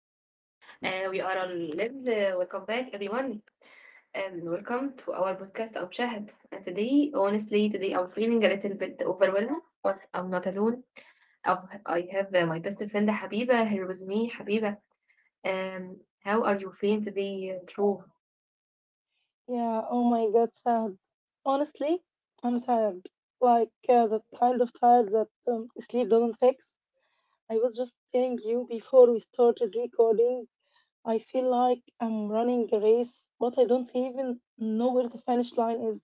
we are on live. Welcome back, everyone, and welcome to our podcast. I'm Shahid, and today, honestly, today I'm feeling a little bit overwhelmed, but I'm not alone. I have my best friend Habiba here with me. Habiba, um, how are you feeling today, True? Yeah, oh my god, sad. Honestly, I'm tired. That kind of tired that sleep doesn't fix. I was just telling you before we started recording, I feel like I'm running a race, but I don't even know where the finish line is.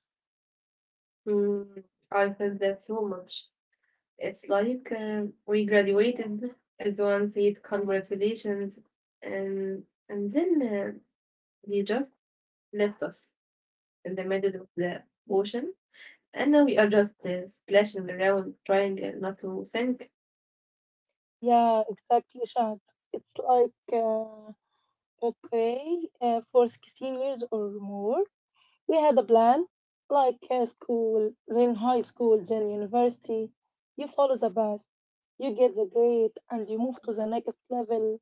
Mm, I felt that so much. It's like we graduated. Everyone said congratulations, and and then they just left us in the middle of the ocean. And now we are just splashing around, trying not to sink. Yeah, exactly, Shad. It's like, uh, okay, for 16 years or more, we had a plan, like in school, then high school, then university. You follow the path, you get the grade, and you move to the next level,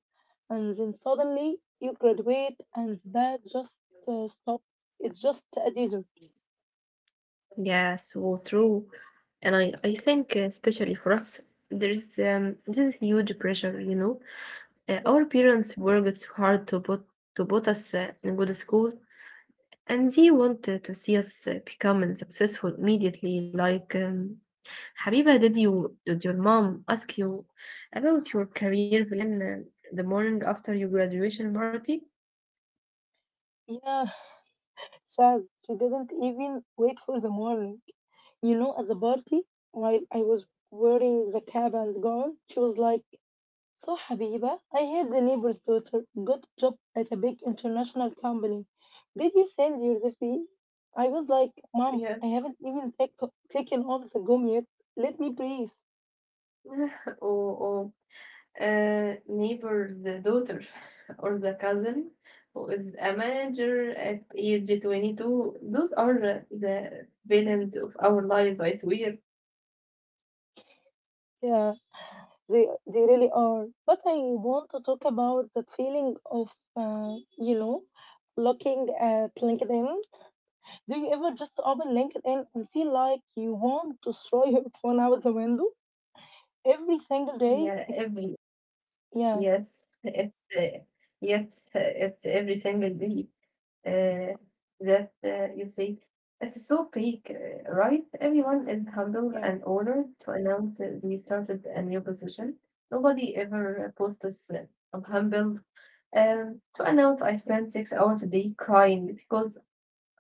and then suddenly you graduate, and that just stops. It's just a desert. Yes, so true. And I think, especially for us, there is this huge pressure, you know. Yeah. Our parents worked so hard to put us in good school, and they want to see us becoming successful immediately. Like, Habiba, did your mom ask you about your career plan the morning after your graduation party? Yeah, sad. She didn't even wait for the morning. You know, at the party, while I was wearing the cap and gown, she was like, so, Habiba, I heard the neighbor's daughter got a job at a big international company. Did you send your CV? I was like, Mom, Yes. I haven't even take, taken off the gum yet. Let me breathe. Or neighbor's daughter, or the cousin who is a manager at age 22. Those are the villains of our lives, I swear. Yeah, they, they really are. But I want to talk about the feeling of, uh, you know, looking at LinkedIn. Do you ever just open LinkedIn and feel like you want to throw your phone out the window every single Yeah, day? every Yeah, yes, it's yes, it's every single day uh, that you see. It's so fake, right? Everyone is humble yeah. and honored to announce they started a new position. Nobody ever posts, I'm humbled to announce I spent 6 hours a day crying because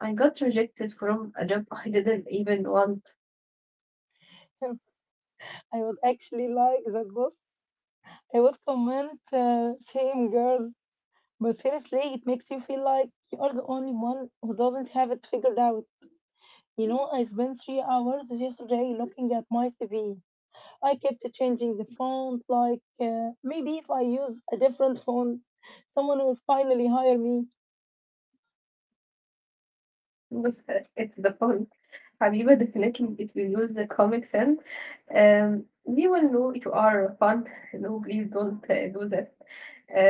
I got rejected from a job I didn't even want. I would actually like that post. I would comment, same girl. But seriously, it makes you feel like you are the only one who doesn't have it figured out. You know, I spent 3 hours yesterday looking at my TV. I kept changing the font, maybe if I use a different font, someone will finally hire me. It's the fun. Habiba, definitely, if you use the comic sense, we will know you are fun. No, please don't do that. That's a joke.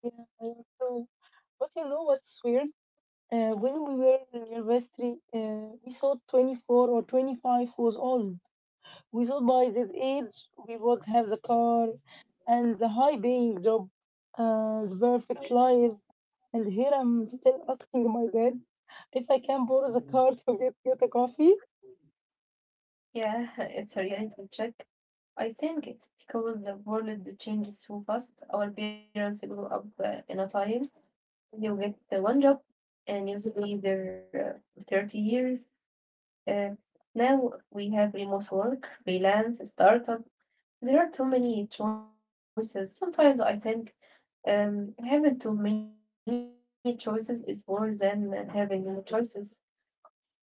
Yeah, yeah, true. But you know what's weird? When we were in university, we thought 24 or 25 was old. We thought by this age we would have the car and the high paying job and the perfect life. And here I'm still asking my dad if I can borrow the car to get a coffee. Yeah, it's a reality check. I think it's because the world changes so fast. Our parents grow up in a time. You get the one job, and usually they're 30 years. Uh, now we have remote work, freelance, startup. There are too many choices. Sometimes I think having too many choices is worse than having no choices.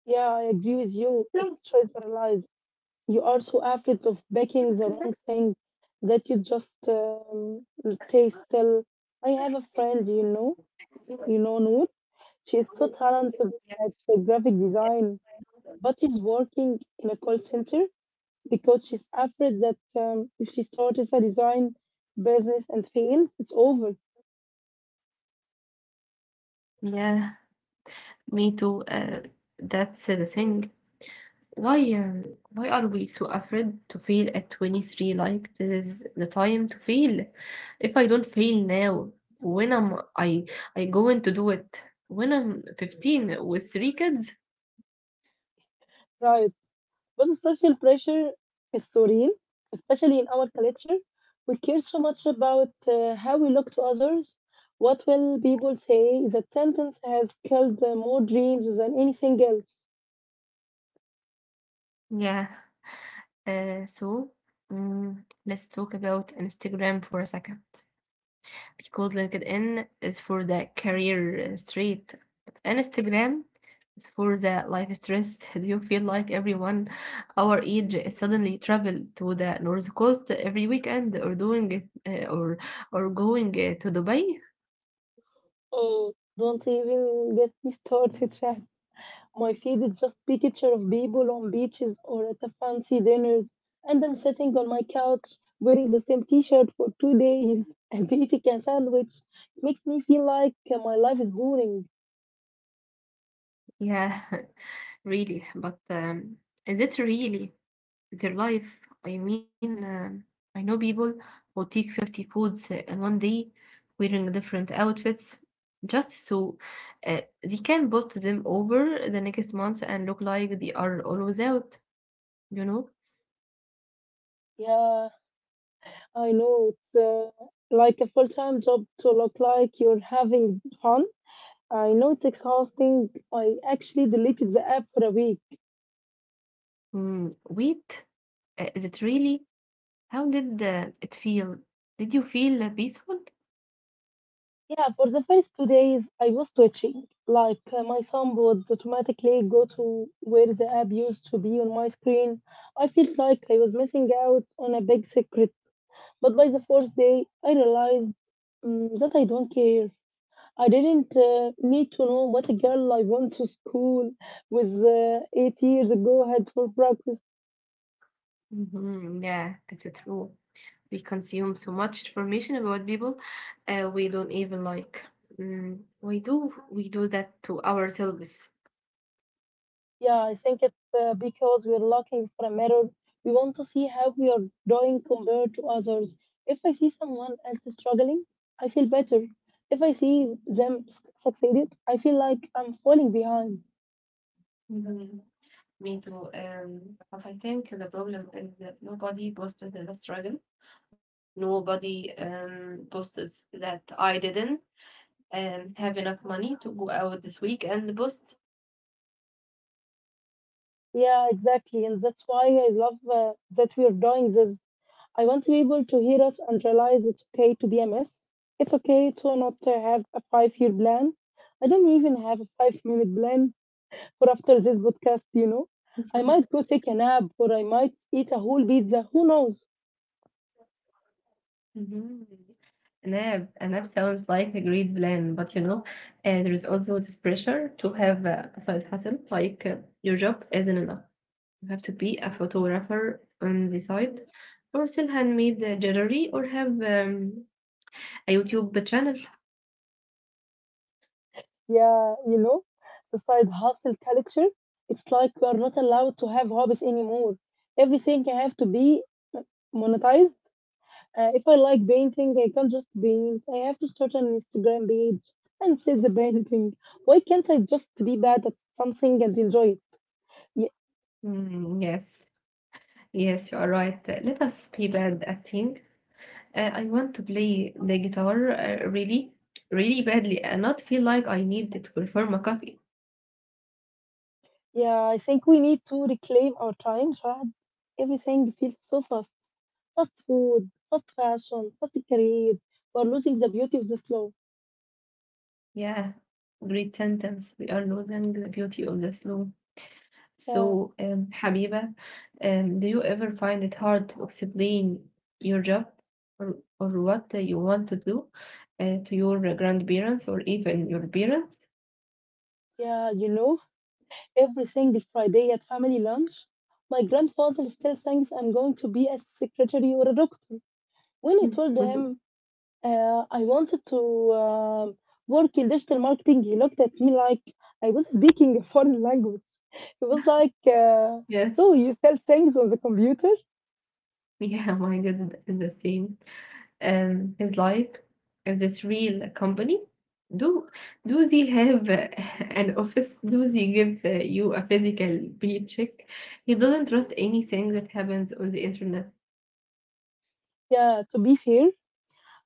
Yeah, I agree with you. It's choice paralyzed. You are so afraid of backing the wrong thing that you just stay still. I have a friend, you know, Noor. She is so talented at the graphic design, but she's working in a call center because she's afraid that if she starts a design business and fails, it's over. Yeah, me too. That's the thing. Why are we so afraid to fail at 23? Like, this is the time to fail. If I don't fail now, when am I going to do it? When I'm 15 with three kids? Right. But social pressure is so real, especially in our culture. We care so much about how we look to others. What will people say? That sentence has killed more dreams than anything else. Yeah. So mm, let's talk about Instagram for a second because LinkedIn is for the career street, but Instagram is for the life stress. Do you feel like everyone our age is suddenly travel to the North Coast every weekend or doing it uh, or or going to Dubai? Oh, don't even get me started, Shahd. My feed is just picture of people on beaches or at the fancy dinners, and I'm sitting on my couch wearing the same T-shirt for 2 days and eating a sandwich. It makes me feel like my life is boring. Yeah, really. But is it really their life? I mean, I know people who take 50 foods in one day wearing different outfits just so they can post them over the next month and look like they are always out, you know? Yeah, I know it's like a full-time job to look like you're having fun. I know it's exhausting. I actually deleted the app for a week. Mm, wait, is it really? How did it feel? Did you feel peaceful? Yeah, for the first 2 days, I was twitching. Like, my thumb would automatically go to where the app used to be on my screen. I felt like I was missing out on a big secret. But by the fourth day, I realized that I don't care. I didn't need to know what a girl I went to school with 8 years ago had for breakfast. Hmm, yeah, that's true. We consume so much information about people we don't even like. Mm, we do that to ourselves. Yeah, I think it's because we're looking for a mirror. We want to see how we are doing compared to others. If I see someone else struggling, I feel better. If I see them succeeded, I feel like I'm falling behind. Mhm. Me too. But I think the problem is that nobody posted the struggle. Nobody posted that I didn't have enough money to go out this week and post. Yeah, exactly. And that's why I love that we're doing this. I want people to hear us and realize it's okay to be a mess. It's okay to not have a 5 year plan. I don't even have a 5 minute plan for after this podcast, you know. I might go take a nap or I might eat a whole pizza. Who knows? Mhm. An app sounds like a great plan, but you know, there is also this pressure to have a side hustle, like, your job isn't enough. You have to be a photographer on the side, or sell handmade jewelry, or have a YouTube channel. Yeah, you know, the side hustle culture. It's like we are not allowed to have hobbies anymore. Everything can have to be monetized. If I like painting, I can't just paint. I have to start an Instagram page and sell the painting. Why can't I just be bad at something and enjoy it? Yeah, Mm, yes, you are right. Let us be bad at thing. I want to play the guitar really, really badly and not feel like I need to perform a cover. yeah, I think we need to reclaim our time, Shahad. Everything feels so fast. Fast food, fast fashion, fast careers. We're losing the beauty of the slow. Yeah, great sentence. We are losing the beauty of the slow. Yeah, So, Habiba, do you ever find it hard to explain your job or what you want to do to your grandparents or even your parents? yeah, you know, every single Friday at family lunch, my grandfather still thinks I'm going to be a secretary or a doctor. When I told him I wanted to um work in digital marketing, he looked at me like I was speaking a foreign language. He was like, Yes. so you sell things on the computer? Yeah, mine is the same. Um, his life in this real company? Do do they have an office? Do they give you a physical paycheck? He doesn't trust anything that happens on the internet. Yeah, to be fair,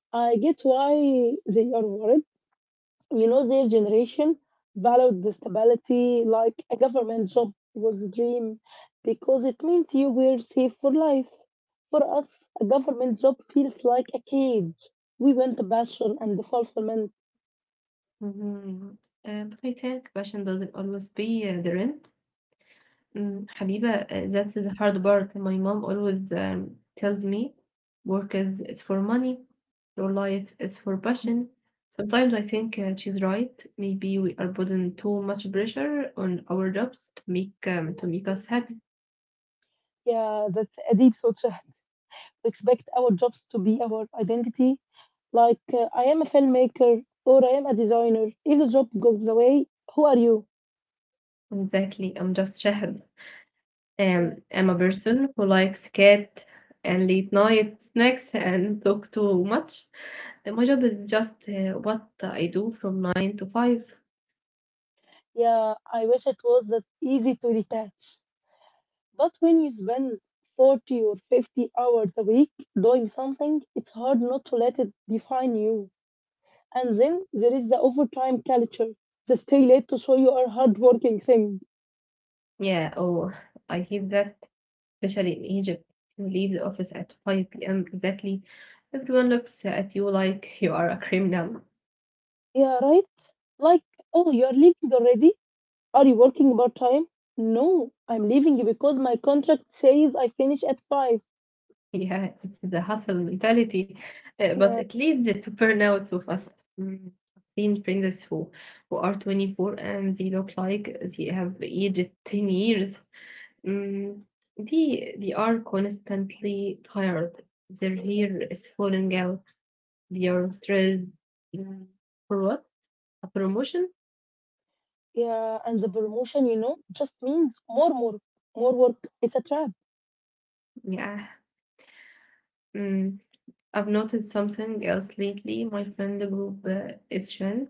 I get why they are worried. You know, their generation valued the stability like a government job was a dream because it meant you were safe for life. For us, a government job feels like a cage. We want passion and fulfillment. Mhm. But I think passion doesn't always pay the rent. Mm, Habiba, that's the hard part. My mom always tells me is for money, your life is for passion. Sometimes I think she's right. Maybe we are putting too much pressure on our jobs to make us happy. Yeah, that's a deep thought, Shahd. We expect our jobs to be our identity. Like, I am a filmmaker or I am a designer. If the job goes away, who are you? Exactly. I'm just Shahad. Yeah, I'm a person who likes cat and late night snacks and talk too much. And my job is just what I do from nine to five. yeah, I wish it was that easy to detach. But when you spend 40 or 50 hours a week doing something, it's hard not to let it define you. And then there is the overtime culture, the stay late to show you are hardworking thing. Yeah, oh, I hate that, especially in Egypt. You leave the office at 5 p.m. exactly. Everyone looks at you like you are a criminal. Yeah, right? Like, oh, you're leaving already? Are you working part time? No, I'm leaving because my contract says I finish at 5. Yeah, it's the hustle mentality, but Yeah, it leads to burnout so fast. Mm, I've seen friends who are 24 and they look like they have aged 10 years. Mm, they are constantly tired. Their hair is falling out. They are stressed. Mm, for what? A promotion? yeah, and the promotion, you know, just means more work, more work. It's a trap. Yeah. Mm, I've noticed something else lately. My friend group is sharing.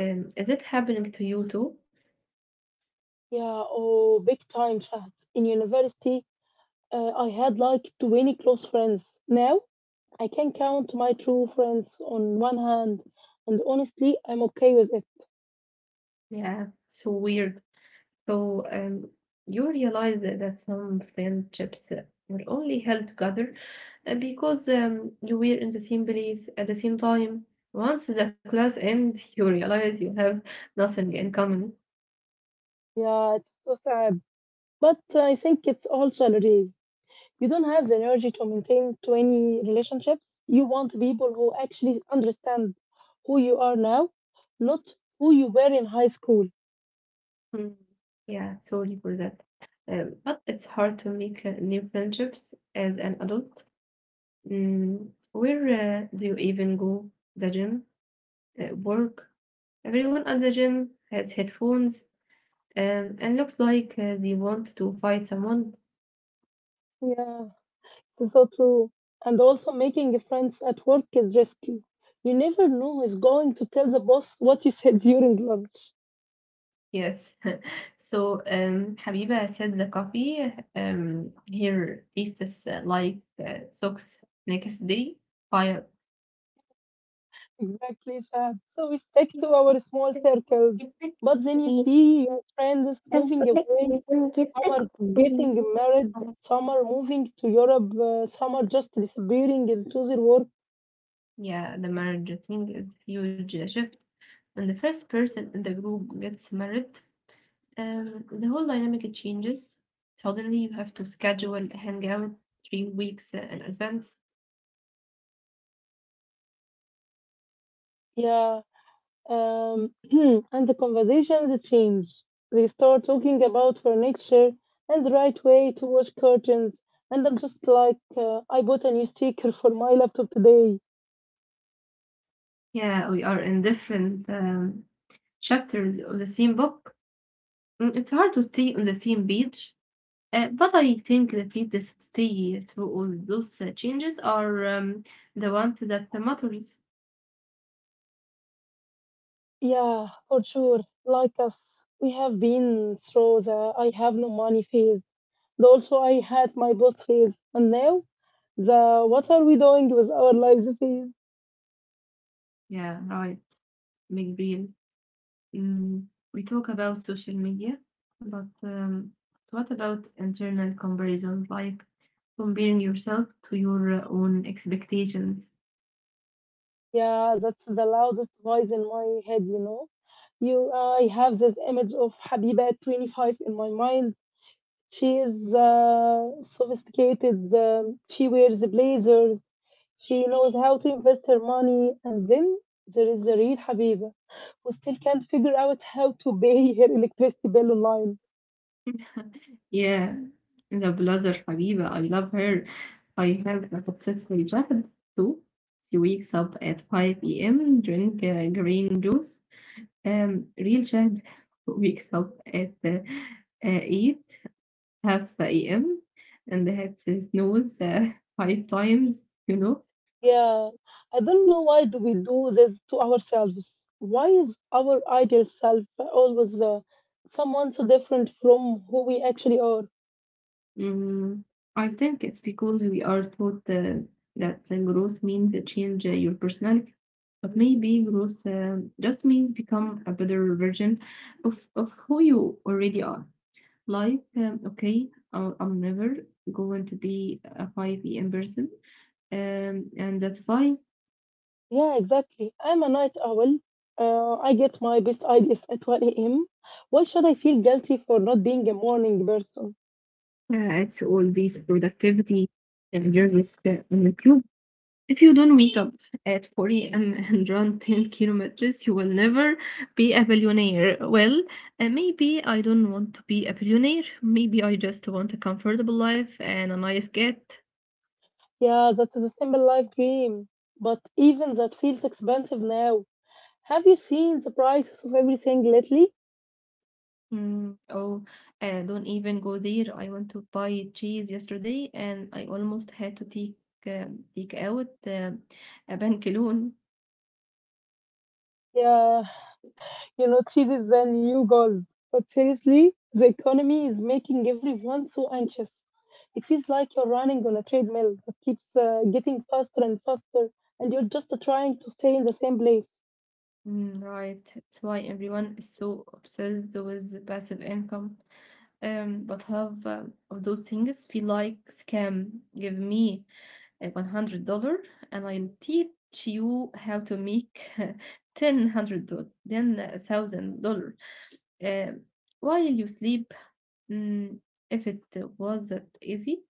Is it happening to you too? Yeah, oh, big time chat in university. I had like 20 close friends. Now I can count my true friends on one hand, and honestly, I'm okay with it. Yeah, so weird. So you realize that some friendships were only held together because you were in the same place at the same time. Once the class ends, you realize you have nothing in common. Yeah, it's so sad. But I think it's also a relief. You don't have the energy to maintain 20 relationships. You want people who actually understand who you are now, not who you were in high school. Mm, yeah, sorry for that. But it's hard to make new friendships as an adult. Mm, where do you even go? The gym? Work? Everyone at the gym has headphones and looks like they want to fight someone. Yeah. That's so true. And also making friends at work is risky. You never know who is going to tell the boss what you said during lunch. Yes. So, Habiba said the coffee here tastes like socks next day. Fire. Exactly, Shad. So we stick to our small circles. But then you بيبقى see your friends جدا moving جدا away. وبيخفف لك Some جدك. are getting married. Some are moving to Europe. Some are just disappearing into their work. Yeah, the marriage thing is huge shift. When the first person in the group gets married, the whole dynamic changes. Suddenly, you have to schedule a hangout 3 weeks in advance. Yeah. And the conversations change. They start talking about furniture and the right way to wash curtains. And I'm just like, I bought a new sticker for my laptop today. Yeah, we are in different chapters of the same book. Mm, it's hard to stay on the same page, but I think the people stay through all those changes are the ones that matters. Yeah, for sure. Like us, we have been through the I have no money phase. The also I had my boss phase. And now the what are we doing with our lives phase? Yeah, right. Big deal. Mm, we talk about social media, but what about internal comparison, like comparing yourself to your own expectations? Yeah, that's the loudest voice in my head, you know. I have this image of Habiba at 25 in my mind. She is sophisticated. She wears blazers. She knows how to invest her money. And then there is the real Habiba who still can't figure out how to pay her electricity bill online. Yeah, the blogger Habiba, I love her. I have a successful job too. She wakes up at 5 p.m., drink green juice. Real child wakes up at 8, half a.m., and has his nose five times, you know. Yeah, I don't know why do we do this to ourselves. Why is our ideal self always someone so different from who we actually are? Mm, I think it's because we are taught that growth means change your personality, but maybe growth just means become a better version of who you already are. Like, okay, I'm never going to be a 5 p.m. person, and that's fine. Yeah, exactly. I'm a night owl. I get my best ideas at 1 a.m. Why should I feel guilty for not being a morning person? It's all this productivity and journeys on YouTube. If you don't wake up at 4 a.m. and run 10 kilometers, you will never be a billionaire. Well, maybe I don't want to be a billionaire. Maybe I just want a comfortable life and a nice cat. Yeah, that is a simple life dream. But even that feels expensive now. Have you seen the prices of everything lately? Mm, oh, don't even go there. I want to buy cheese yesterday and I almost had to take out a bank loan. Yeah, you know, cities are new goals. But seriously, the economy is making everyone so anxious. It feels like you're running on a treadmill that keeps getting faster and faster, and you're just trying to stay in the same place. Mm, right. It's why everyone is so obsessed with passive income. But have of those things feel like scam. Give me a $100 and I'll teach you how to make $1000, then $1000. Um, while you sleep, mm, if it was that easy,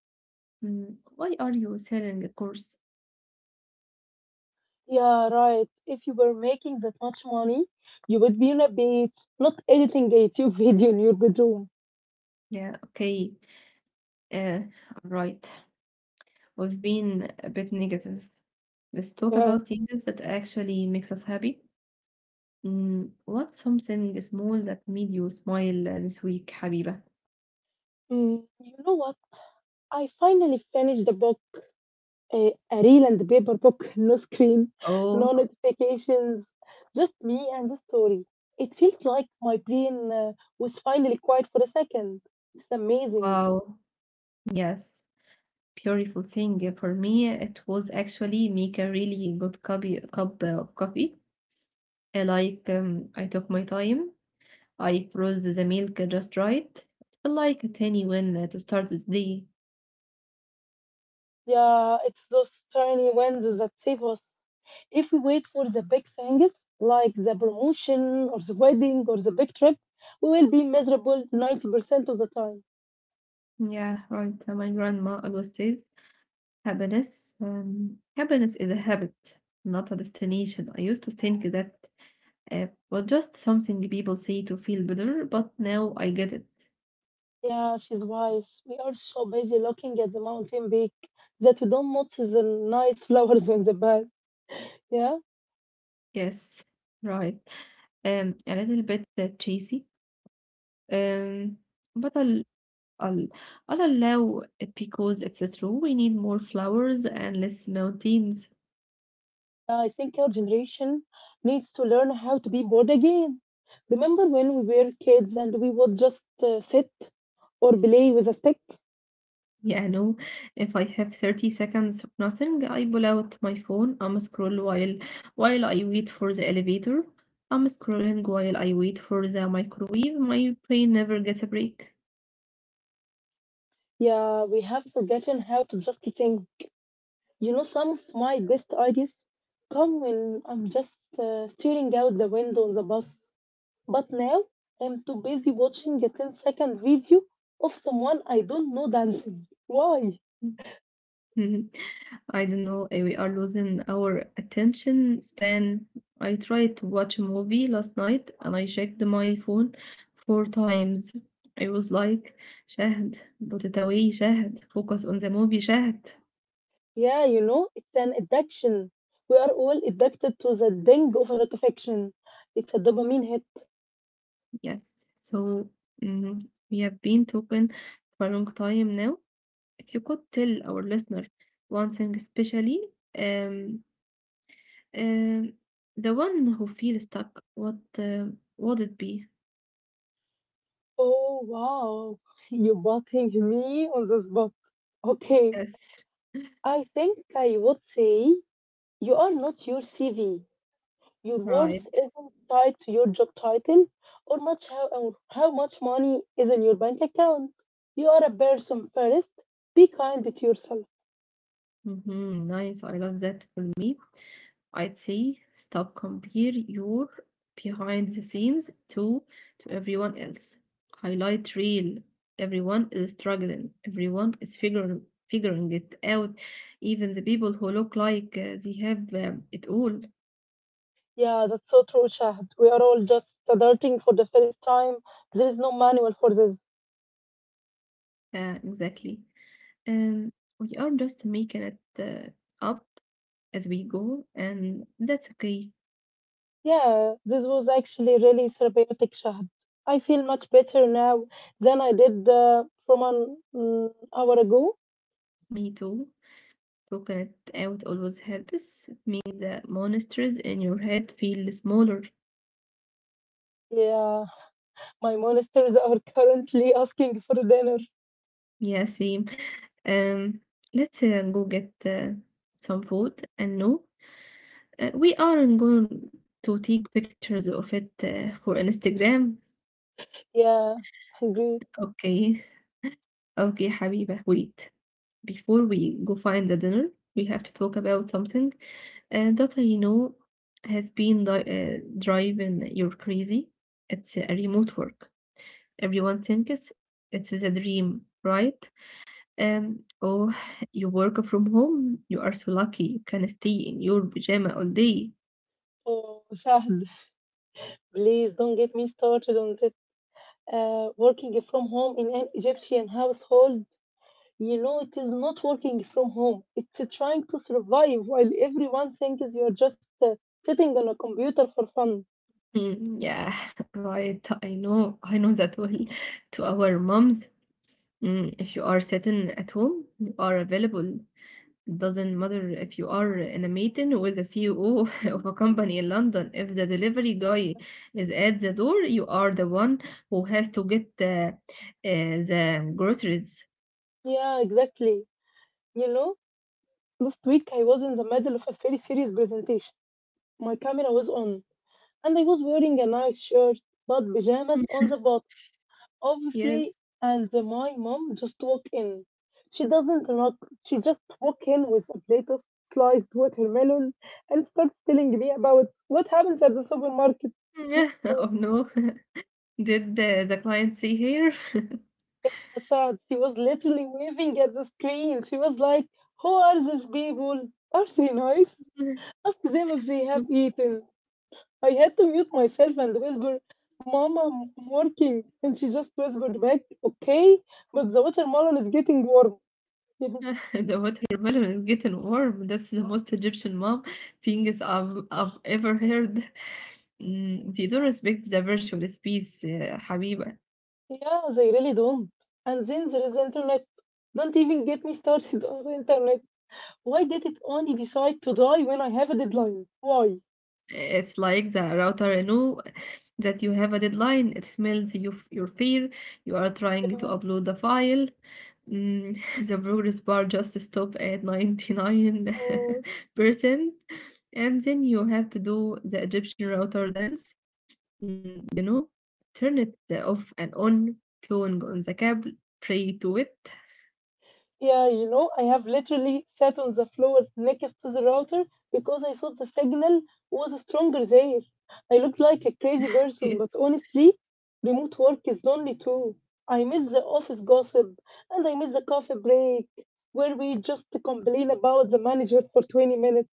mm, why are you selling a course? Yeah, right. If you were making that much money, you would be on a beach, not editing a YouTube video in your bedroom. Yeah, okay, uh, right. We've been a bit negative. Let's talk Yeah. about things that actually makes us happy. Mm, what's something small that made you smile this week, Habiba? Mm, you know what? I finally finished the book. A reel and paper book, no screen, no Oh, notifications, just me and the story. It feels like my brain was finally quiet for a second. It's amazing. wow. Yes, beautiful thing. For me, it was actually make a really good cup of coffee. I like I took my time. I froze the milk just right. It felt like a tiny win to start this day. Yeah, it's those tiny wins that save us. If we wait for the big things, like the promotion or the wedding or the big trip, we will be miserable 90% of the time. Yeah, right. Uh, my grandma always says, Happiness, happiness is a habit, not a destination. I used to think that was just something people say to feel better, but now I get it. Yeah, she's wise. We are so busy looking at the mountain peak that we don't notice the nice flowers on the back. Yeah, Yes, right. A little bit cheesy. Um, but I'll I'll allow it because it's a true. We need more flowers and less mountains. I think our generation needs to learn how to be bored again. Remember when we were kids and we would just sit or play with a stick? Yeah, no. If I have 30 seconds of nothing, I pull out my phone. I'm scroll while I wait for the elevator. I'm scrolling while I wait for the microwave. My brain never gets a break. Yeah, we have forgotten how to just think. You know, some of my best ideas come when I'm just staring out the window on the bus. But now I'm too busy watching a ten-second video of someone I don't know dancing. Why? Mhm. I don't know. We are losing our attention span. I tried to watch a movie last night and I checked my phone four times. I was like, Shahd, put it away, Shahd, focus on the movie, Shahd. Yeah, you know, it's an addiction. We are all addicted to the ding of a notification. It's a dopamine hit. Yes. So mm, we have been talking for a long time now. If you could tell our listener one thing, especially um, um, the one who feels stuck, what would it be? Oh, wow. You're butting me on the spot. Okay, Yes. I think I would say you are not your CV. Your Right. worth isn't tied to your job title or how much money is in your bank account. You are a person first. Be kind to yourself. Nice. I love that. For me, I'd say stop compare your behind the scenes to everyone else. Highlight real. Everyone is struggling. Everyone is figuring it out. Even the people who look like they have it all. Yeah, that's so true, Shahd. We are all just starting for the first time. There is no manual for this. Exactly. Um, we are just making it up as we go, and that's okay. Yeah, this was actually really therapeutic, Shahd. I feel much better now than I did from an hour ago. Me too. Coconut out always helps. It means the monsters in your head feel smaller. Yeah, my monsters are currently asking for dinner. Yeah, same. Um, let's go get some food and no, we aren't going to take pictures of it for Instagram. Yeah, hungry. Okay, okay, حبيبة. Wait, before we go find the dinner, we have to talk about something that I know has been driving you crazy. It's remote work. Everyone thinks it is a dream, right? Um, oh, you work from home. You are so lucky. You can stay in your pajama all day. Oh, Shahd, please don't get me started on this. Working from home in an Egyptian household, you know, it is not working from home. It's trying to survive while everyone thinks you're just sitting on a computer for fun. Mm, yeah, right. I know. I know that well. To our moms, if you are sitting at home, you are available. Doesn't matter if you are in a meeting with the CEO of a company in London, if the delivery guy is at the door, you are the one who has to get the groceries. Yeah, exactly. You know, last week I was in the middle of a very serious presentation. My camera was on, and I was wearing a nice shirt, but pajamas Mm. on the bottom. Yes. Obviously, and my mom just walked in. She doesn't knock, she just walked in with a plate of sliced watermelon and starts telling me about what happens at the supermarket. Oh Oh, no. Did the client see here? sad. She was literally waving at the screen. She was like, who are these people? Are they nice? Ask them if they have eaten. I had to mute myself and whisper, Mama, I'm working. And she just whispered back, okay, but the watermelon is getting warm. The watermelon is getting warm. That's the most Egyptian mom things I've ever heard. They don't respect the virtual space, حبيبة. Yeah, they really don't. And then there is the internet. Don't even get me started on the internet. Why did it only decide to die when I have a deadline? Why? It's like the router know that you have a deadline. It smells you, your fear. You are trying to Yeah, upload the file. Mm, the progress bar just stop at oh, 99%. And then you have to do the Egyptian router dance. Mm, you know, Turn it off and on, blowing on the cable, pray to it. yeah, you know, I have literally sat on the floor next to the router because I thought the signal was stronger there. I looked like a crazy person, but honestly, remote work is lonely too. I miss the office gossip and I miss the coffee break where we just complain about the manager for 20 minutes.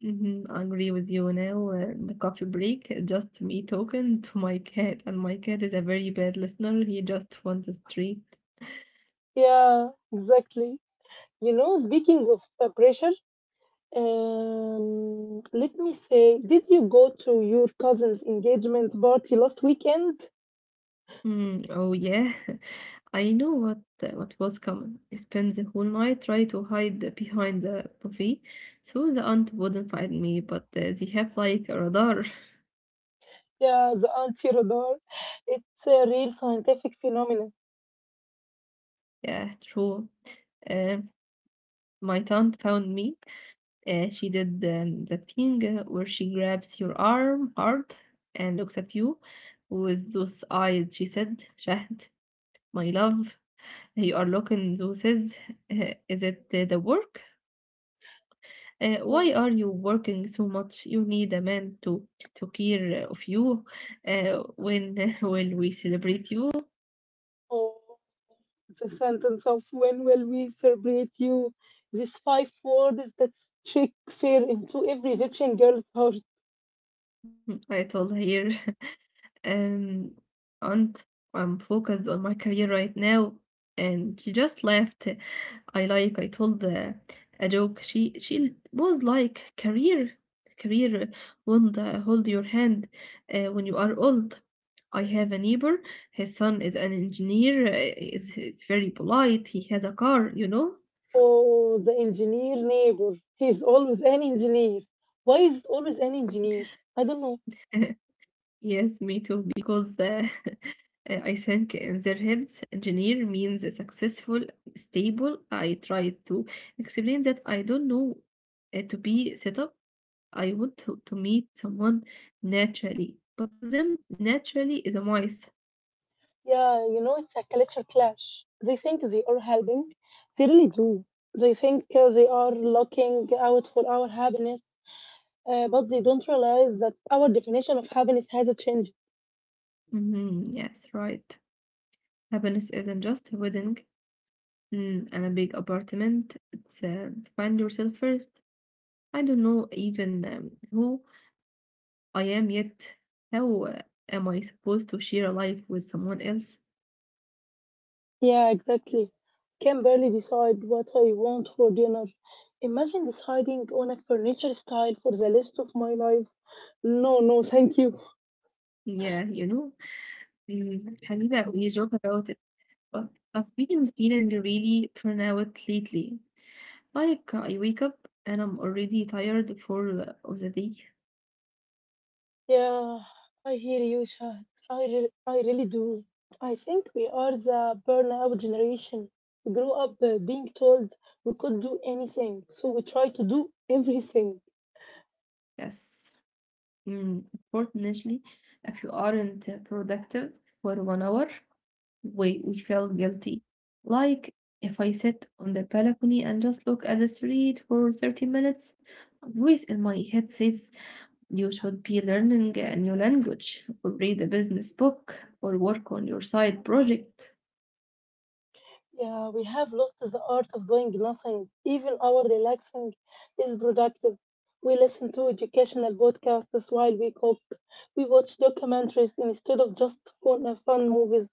Mhm, I agree with you now. The coffee break, just me talking to my cat, and my cat is a very bad listener. He just wants a treat. Yeah, exactly. You know, speaking of pressure, let me say, did you go to your cousin's engagement party last weekend? Mm, oh yeah, I know what was coming. I spent the whole night trying to hide behind the buffet, so the aunt wouldn't find me. But they have like a radar. Yeah, the anti-radar. It's a real scientific phenomenon. Yeah, true. Uh, my aunt found me. She did the thing where she grabs your arm hard and looks at you with those eyes. She said, Shahd, my love, you are looking those is it the work? Why Uh, are you working so much? You need a man to care of you. When will we celebrate you? Oh, the sentence of when will we celebrate you? These five words that strike fear into every Egyptian girl's heart. I told her um, aunt, I'm focused on my career right now. And she just laughed. I told a joke. She was like, career, career won't hold your hand when you are old. I have a neighbor. His son is an engineer. Is very polite. He has a car. Oh, the engineer neighbor. He's always an engineer. Why is it always an engineer? I don't know. Yes, me too, because I think in their heads, engineer means successful, stable. I try to explain that I don't know to be set up. I want to meet someone naturally, but to them, naturally is a myth. Yeah, you know, it's a culture clash. They think they are helping. They really do. They think they are looking out for our happiness, but they don't realize that our definition of happiness has changed. Mhm, yes, right. Happiness isn't just a wedding and a big apartment. It's find yourself first. I don't know even who. I am yet how am I supposed to share a life with someone else? Yeah, exactly. Can barely decide what I want for dinner. Imagine deciding on a furniture style for the rest of my life. No, no, thank you. Yeah, Habiba, we joke about it, but I've been feeling really burnout lately. Like I wake up and I'm already tired for of the day. Yeah, I hear you, Shahd. I really do. I think we are the burnout generation. We grew up being told we could do anything, so we try to do everything. Yes. Unfortunately, if you aren't productive for 1 hour, we feel guilty. Like if I sit on the balcony and just look at the street for 30 minutes, a voice in my head says, you should be learning a new language or read a business book or work on your side project. Yeah, we have lost the art of doing nothing. Even our relaxing is productive. We listen to educational podcasts while we cook. We watch documentaries instead of just fun movies.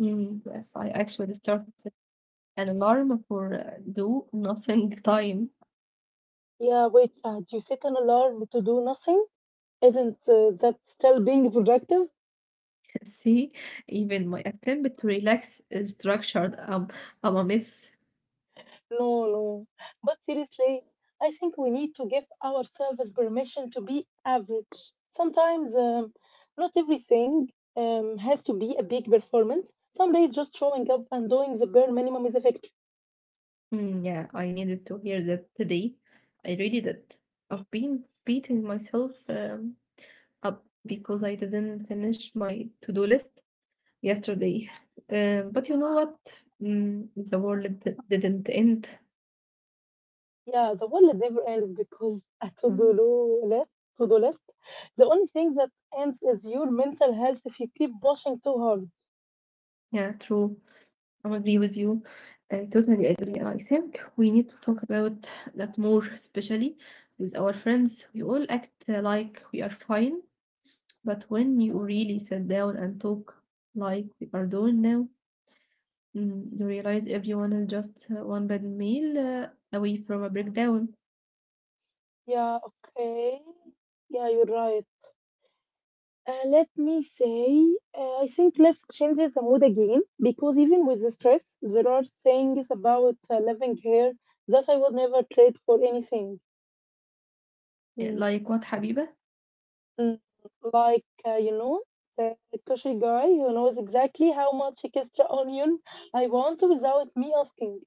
Mm, yes, I actually started an alarm for do nothing time. Yeah, wait, Shahd, you set an alarm to do nothing? Isn't that still being productive? See, even my attempt to relax is structured. I'm a mess. No, no. But seriously, I think we need to give ourselves permission to be average. Sometimes, not everything has to be a big performance. Some days, just showing up and doing the bare minimum is effective. Hmm, yeah, I needed to hear that today. I really did. I've been beating myself up because I didn't finish my to-do list yesterday. But you know what? The world didn't end. Yeah, the world never ends because a Mm, to-do list. To-do list. The only thing that ends is your mental health if you keep pushing too hard. yeah, true. I agree with you. I totally agree. And I think we need to talk about that more, especially with our friends. We all act like we are fine, but when you really sit down and talk like we are doing now, you realize everyone is just one bad meal away from a breakdown. Yeah, okay. Yeah, you're right. Let me say, I think let's change the mood again because even with the stress, there are things about living here that I would never trade for anything. Mm. Like what, Habiba? Mm, like, you know, the kosher guy who knows exactly how much extra onion I want without me asking.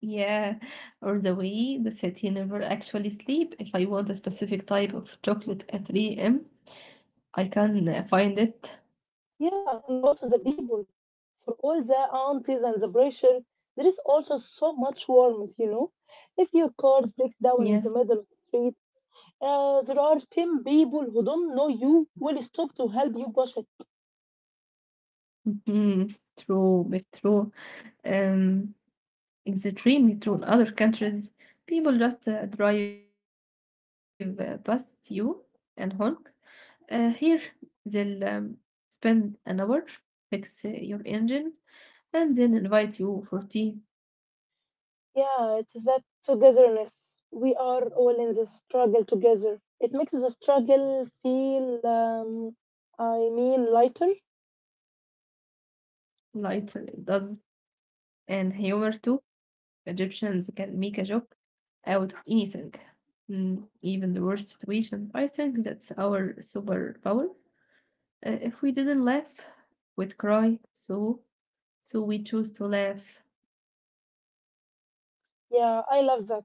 Yeah, or the way the city never actually sleep. If I want a specific type of chocolate at 3 a.m., I can find it. Yeah, and also the people. For all the aunties and the pressure, there is also so much warmth, you know. If your car breaks down in the middle Yes. of the street, there are 10 people who don't know you will stop to help you push it. Mhm. True, but true. Um, it's extremely true in other countries. People just drive past you and honk. Here, they'll spend an hour, fix your engine, and then invite you for tea. Yeah, it's that togetherness. We are all in this struggle together. It makes the struggle feel, I mean, lighter. Lighter does, and humor too. Egyptians can make a joke out of anything, even the worst situation. I think that's our superpower. If we didn't laugh, we'd cry. So we chose to laugh. Yeah, I love that.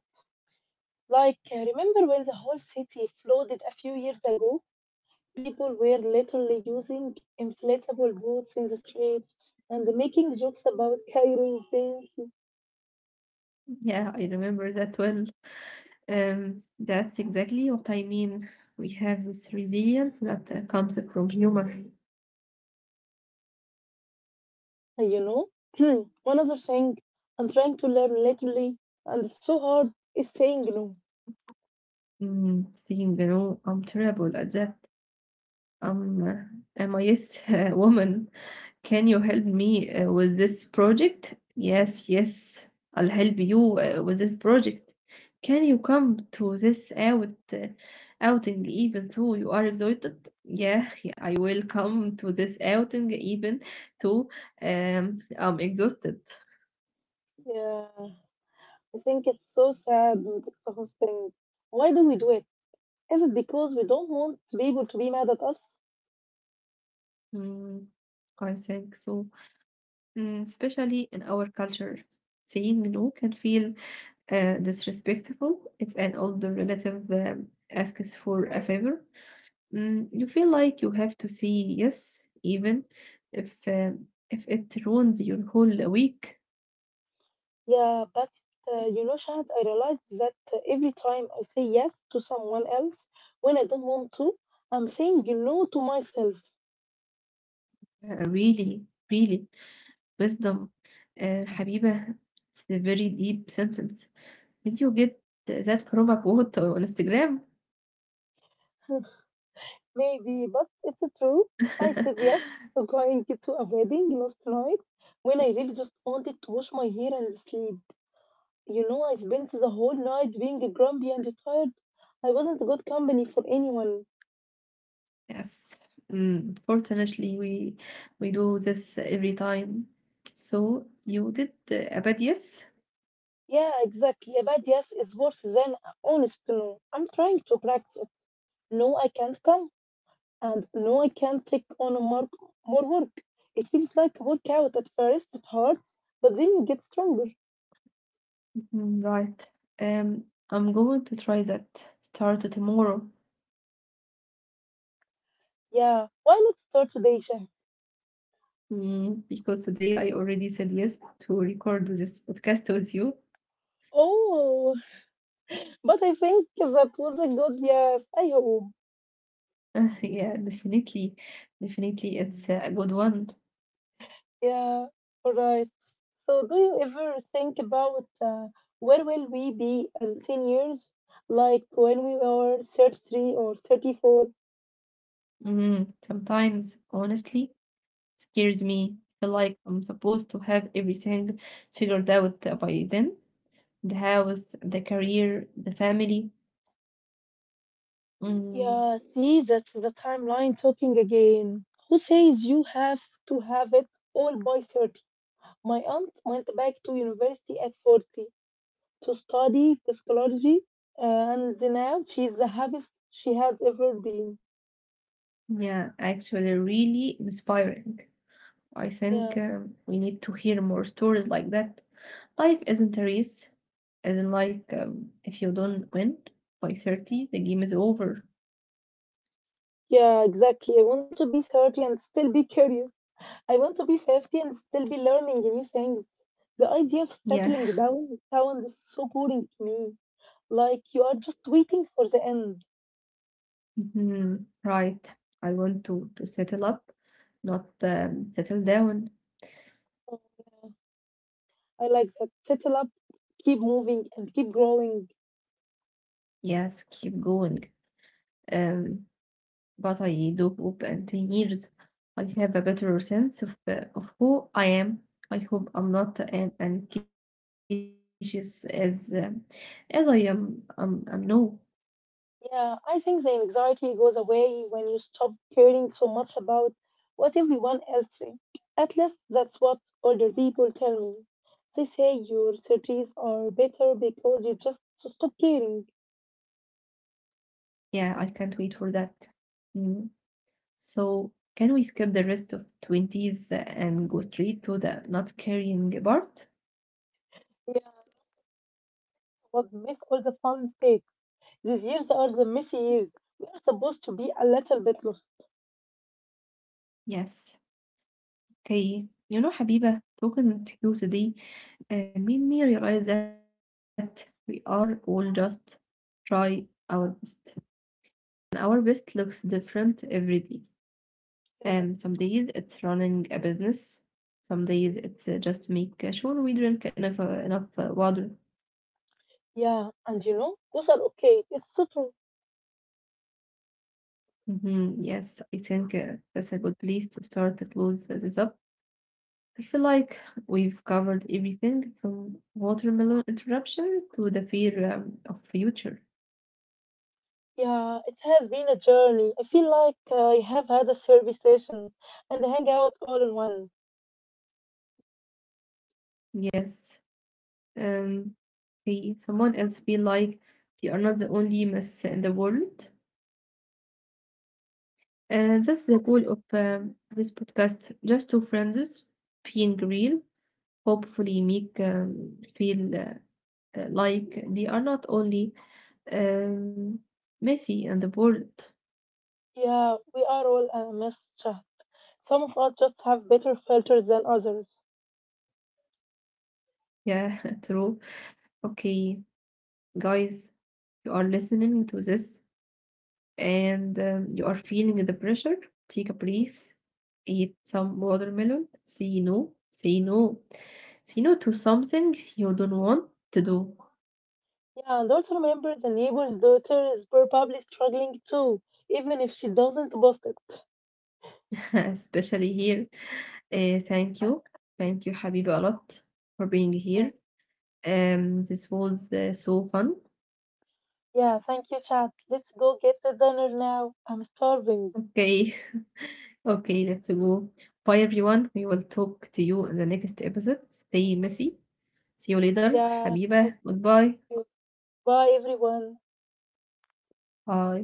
Like, remember when the whole city flooded a few years ago? People were literally using inflatable boats in the streets and making jokes about Cairo things. Yeah, I remember that well. That's exactly what I mean. We have this resilience that comes from humor. You know, one other thing I'm trying to learn lately, and it's so hard, is saying no. Saying, I'm terrible at that. Um, am I yes woman? Can you help me with this project? Yes, yes, I'll help you with this project. Can you come to this uh, outing even though you are exhausted? Yeah, yeah, I will come to this outing even though I'm exhausted. Yeah, I think it's so sad and exhausting. Why do we do it? Is it because we don't want people to be mad at us? Mm, I think so. Especially in our culture, saying no can feel disrespectful if an older relative asks for a favor. You feel like you have to say yes, even if um, if it ruins your whole week. Yeah, but you know, Shahad, I realized that every time I say yes to someone else when I don't want to, I'm saying no to myself. Really, really, wisdom, Habiba. It's a very deep sentence. Did you get that from a quote on Instagram? Maybe, but it's true. I said yes to going to a wedding last night when I really just wanted to wash my hair and sleep. You know, I spent the whole night being grumpy and tired. I wasn't good company for anyone. Yes. Fortunately, we do this every time. So you did a bad yes. Yeah, exactly. A bad yes is worse than a honest no. I'm trying to practice. It. No, I can't come, and no, I can't take on more work. It feels like a workout at first, it hurts, but then you get stronger. Right. Um, I'm going to try that. Start tomorrow. Yeah, why not start today, Shah? Because today I already said yes to record this podcast with you. Oh, but I think that was a good yes. I hope. Yeah, definitely. Definitely, it's a good one. Yeah, all right. So, do you ever think about where will we be in 10 years? Like when we are 33 or 34? Sometimes, honestly, scares me. I feel like I'm supposed to have everything figured out by then. The house, the career, the family. Mm, Yeah, see, that's the timeline talking again. Who says you have to have it all by 30? My aunt went back to university at 40 to study psychology, and now she's the happiest she has ever been. yeah, actually, really inspiring. I Yeah, think we need to hear more stories like that. Life isn't a race, isn't like if you don't win by 30, the game is over. yeah, exactly. I want to be 30 and still be curious. I want to be 50 and still be learning new things. The idea of Yeah, settling down sounds so boring to me. Like you are just waiting for the end. Mhm. Right. I want to settle up, not settle down. I like that. Settle up, keep moving, and keep growing. Yes, keep going. Um, but I do hope in 10 years I have a better sense of who I am. I hope I'm not an anxious as I am. I'm now. Yeah, I think the anxiety goes away when you stop caring so much about what everyone else thinks. At least that's what older people tell me. They say your surgeries are better because you just stop caring. Yeah, I can't wait for that. Mm. So, can we skip the rest of 20s and go straight to the not carrying part? Yeah, was miss all the fun mistakes. These years are the messy years. We are supposed to be a little bit lost. Yes. Okay. You know, Habiba, talking to you today made me realize that we are all just try our best. And our best looks different every day. Some Yeah, days it's running a business. Some days it's just make sure we drink enough water. yeah, and you know, those are okay. It's so true. Mm-hmm. Yes, I think that's a good place to start to close this up. I feel like we've covered everything from watermelon interruption to the fear of future. Yeah, it has been a journey. I feel like I have had a therapy session and a hangout all in one. Yes. Um, Hey, someone else feel like they are not the only mess in the world. And that's the goal of this podcast. Just two friends being real. Hopefully, make feel like they are not only Um, Messi and the world. Yeah, we are all a mess, Shahd. Some of us just have better filters than others. Yeah, true. Okay, guys, you are listening to this and you are feeling the pressure. Take a breath, eat some watermelon, say no, say no, say no to something you don't want to do, Yeah, and also remember the neighbor's daughter is probably struggling too, even if she doesn't boast it. especially here. Thank you, thank you, Habibi, a lot for being Yeah, here. This was so fun. yeah thank you, Shahd. Let's go get the dinner now. I'm starving. Okay, Okay, let's go. Bye everyone. We will talk to you in the next episode. Stay messy. See you later. Yeah, حبيبة. Goodbye. okay. Bye, everyone. Bye.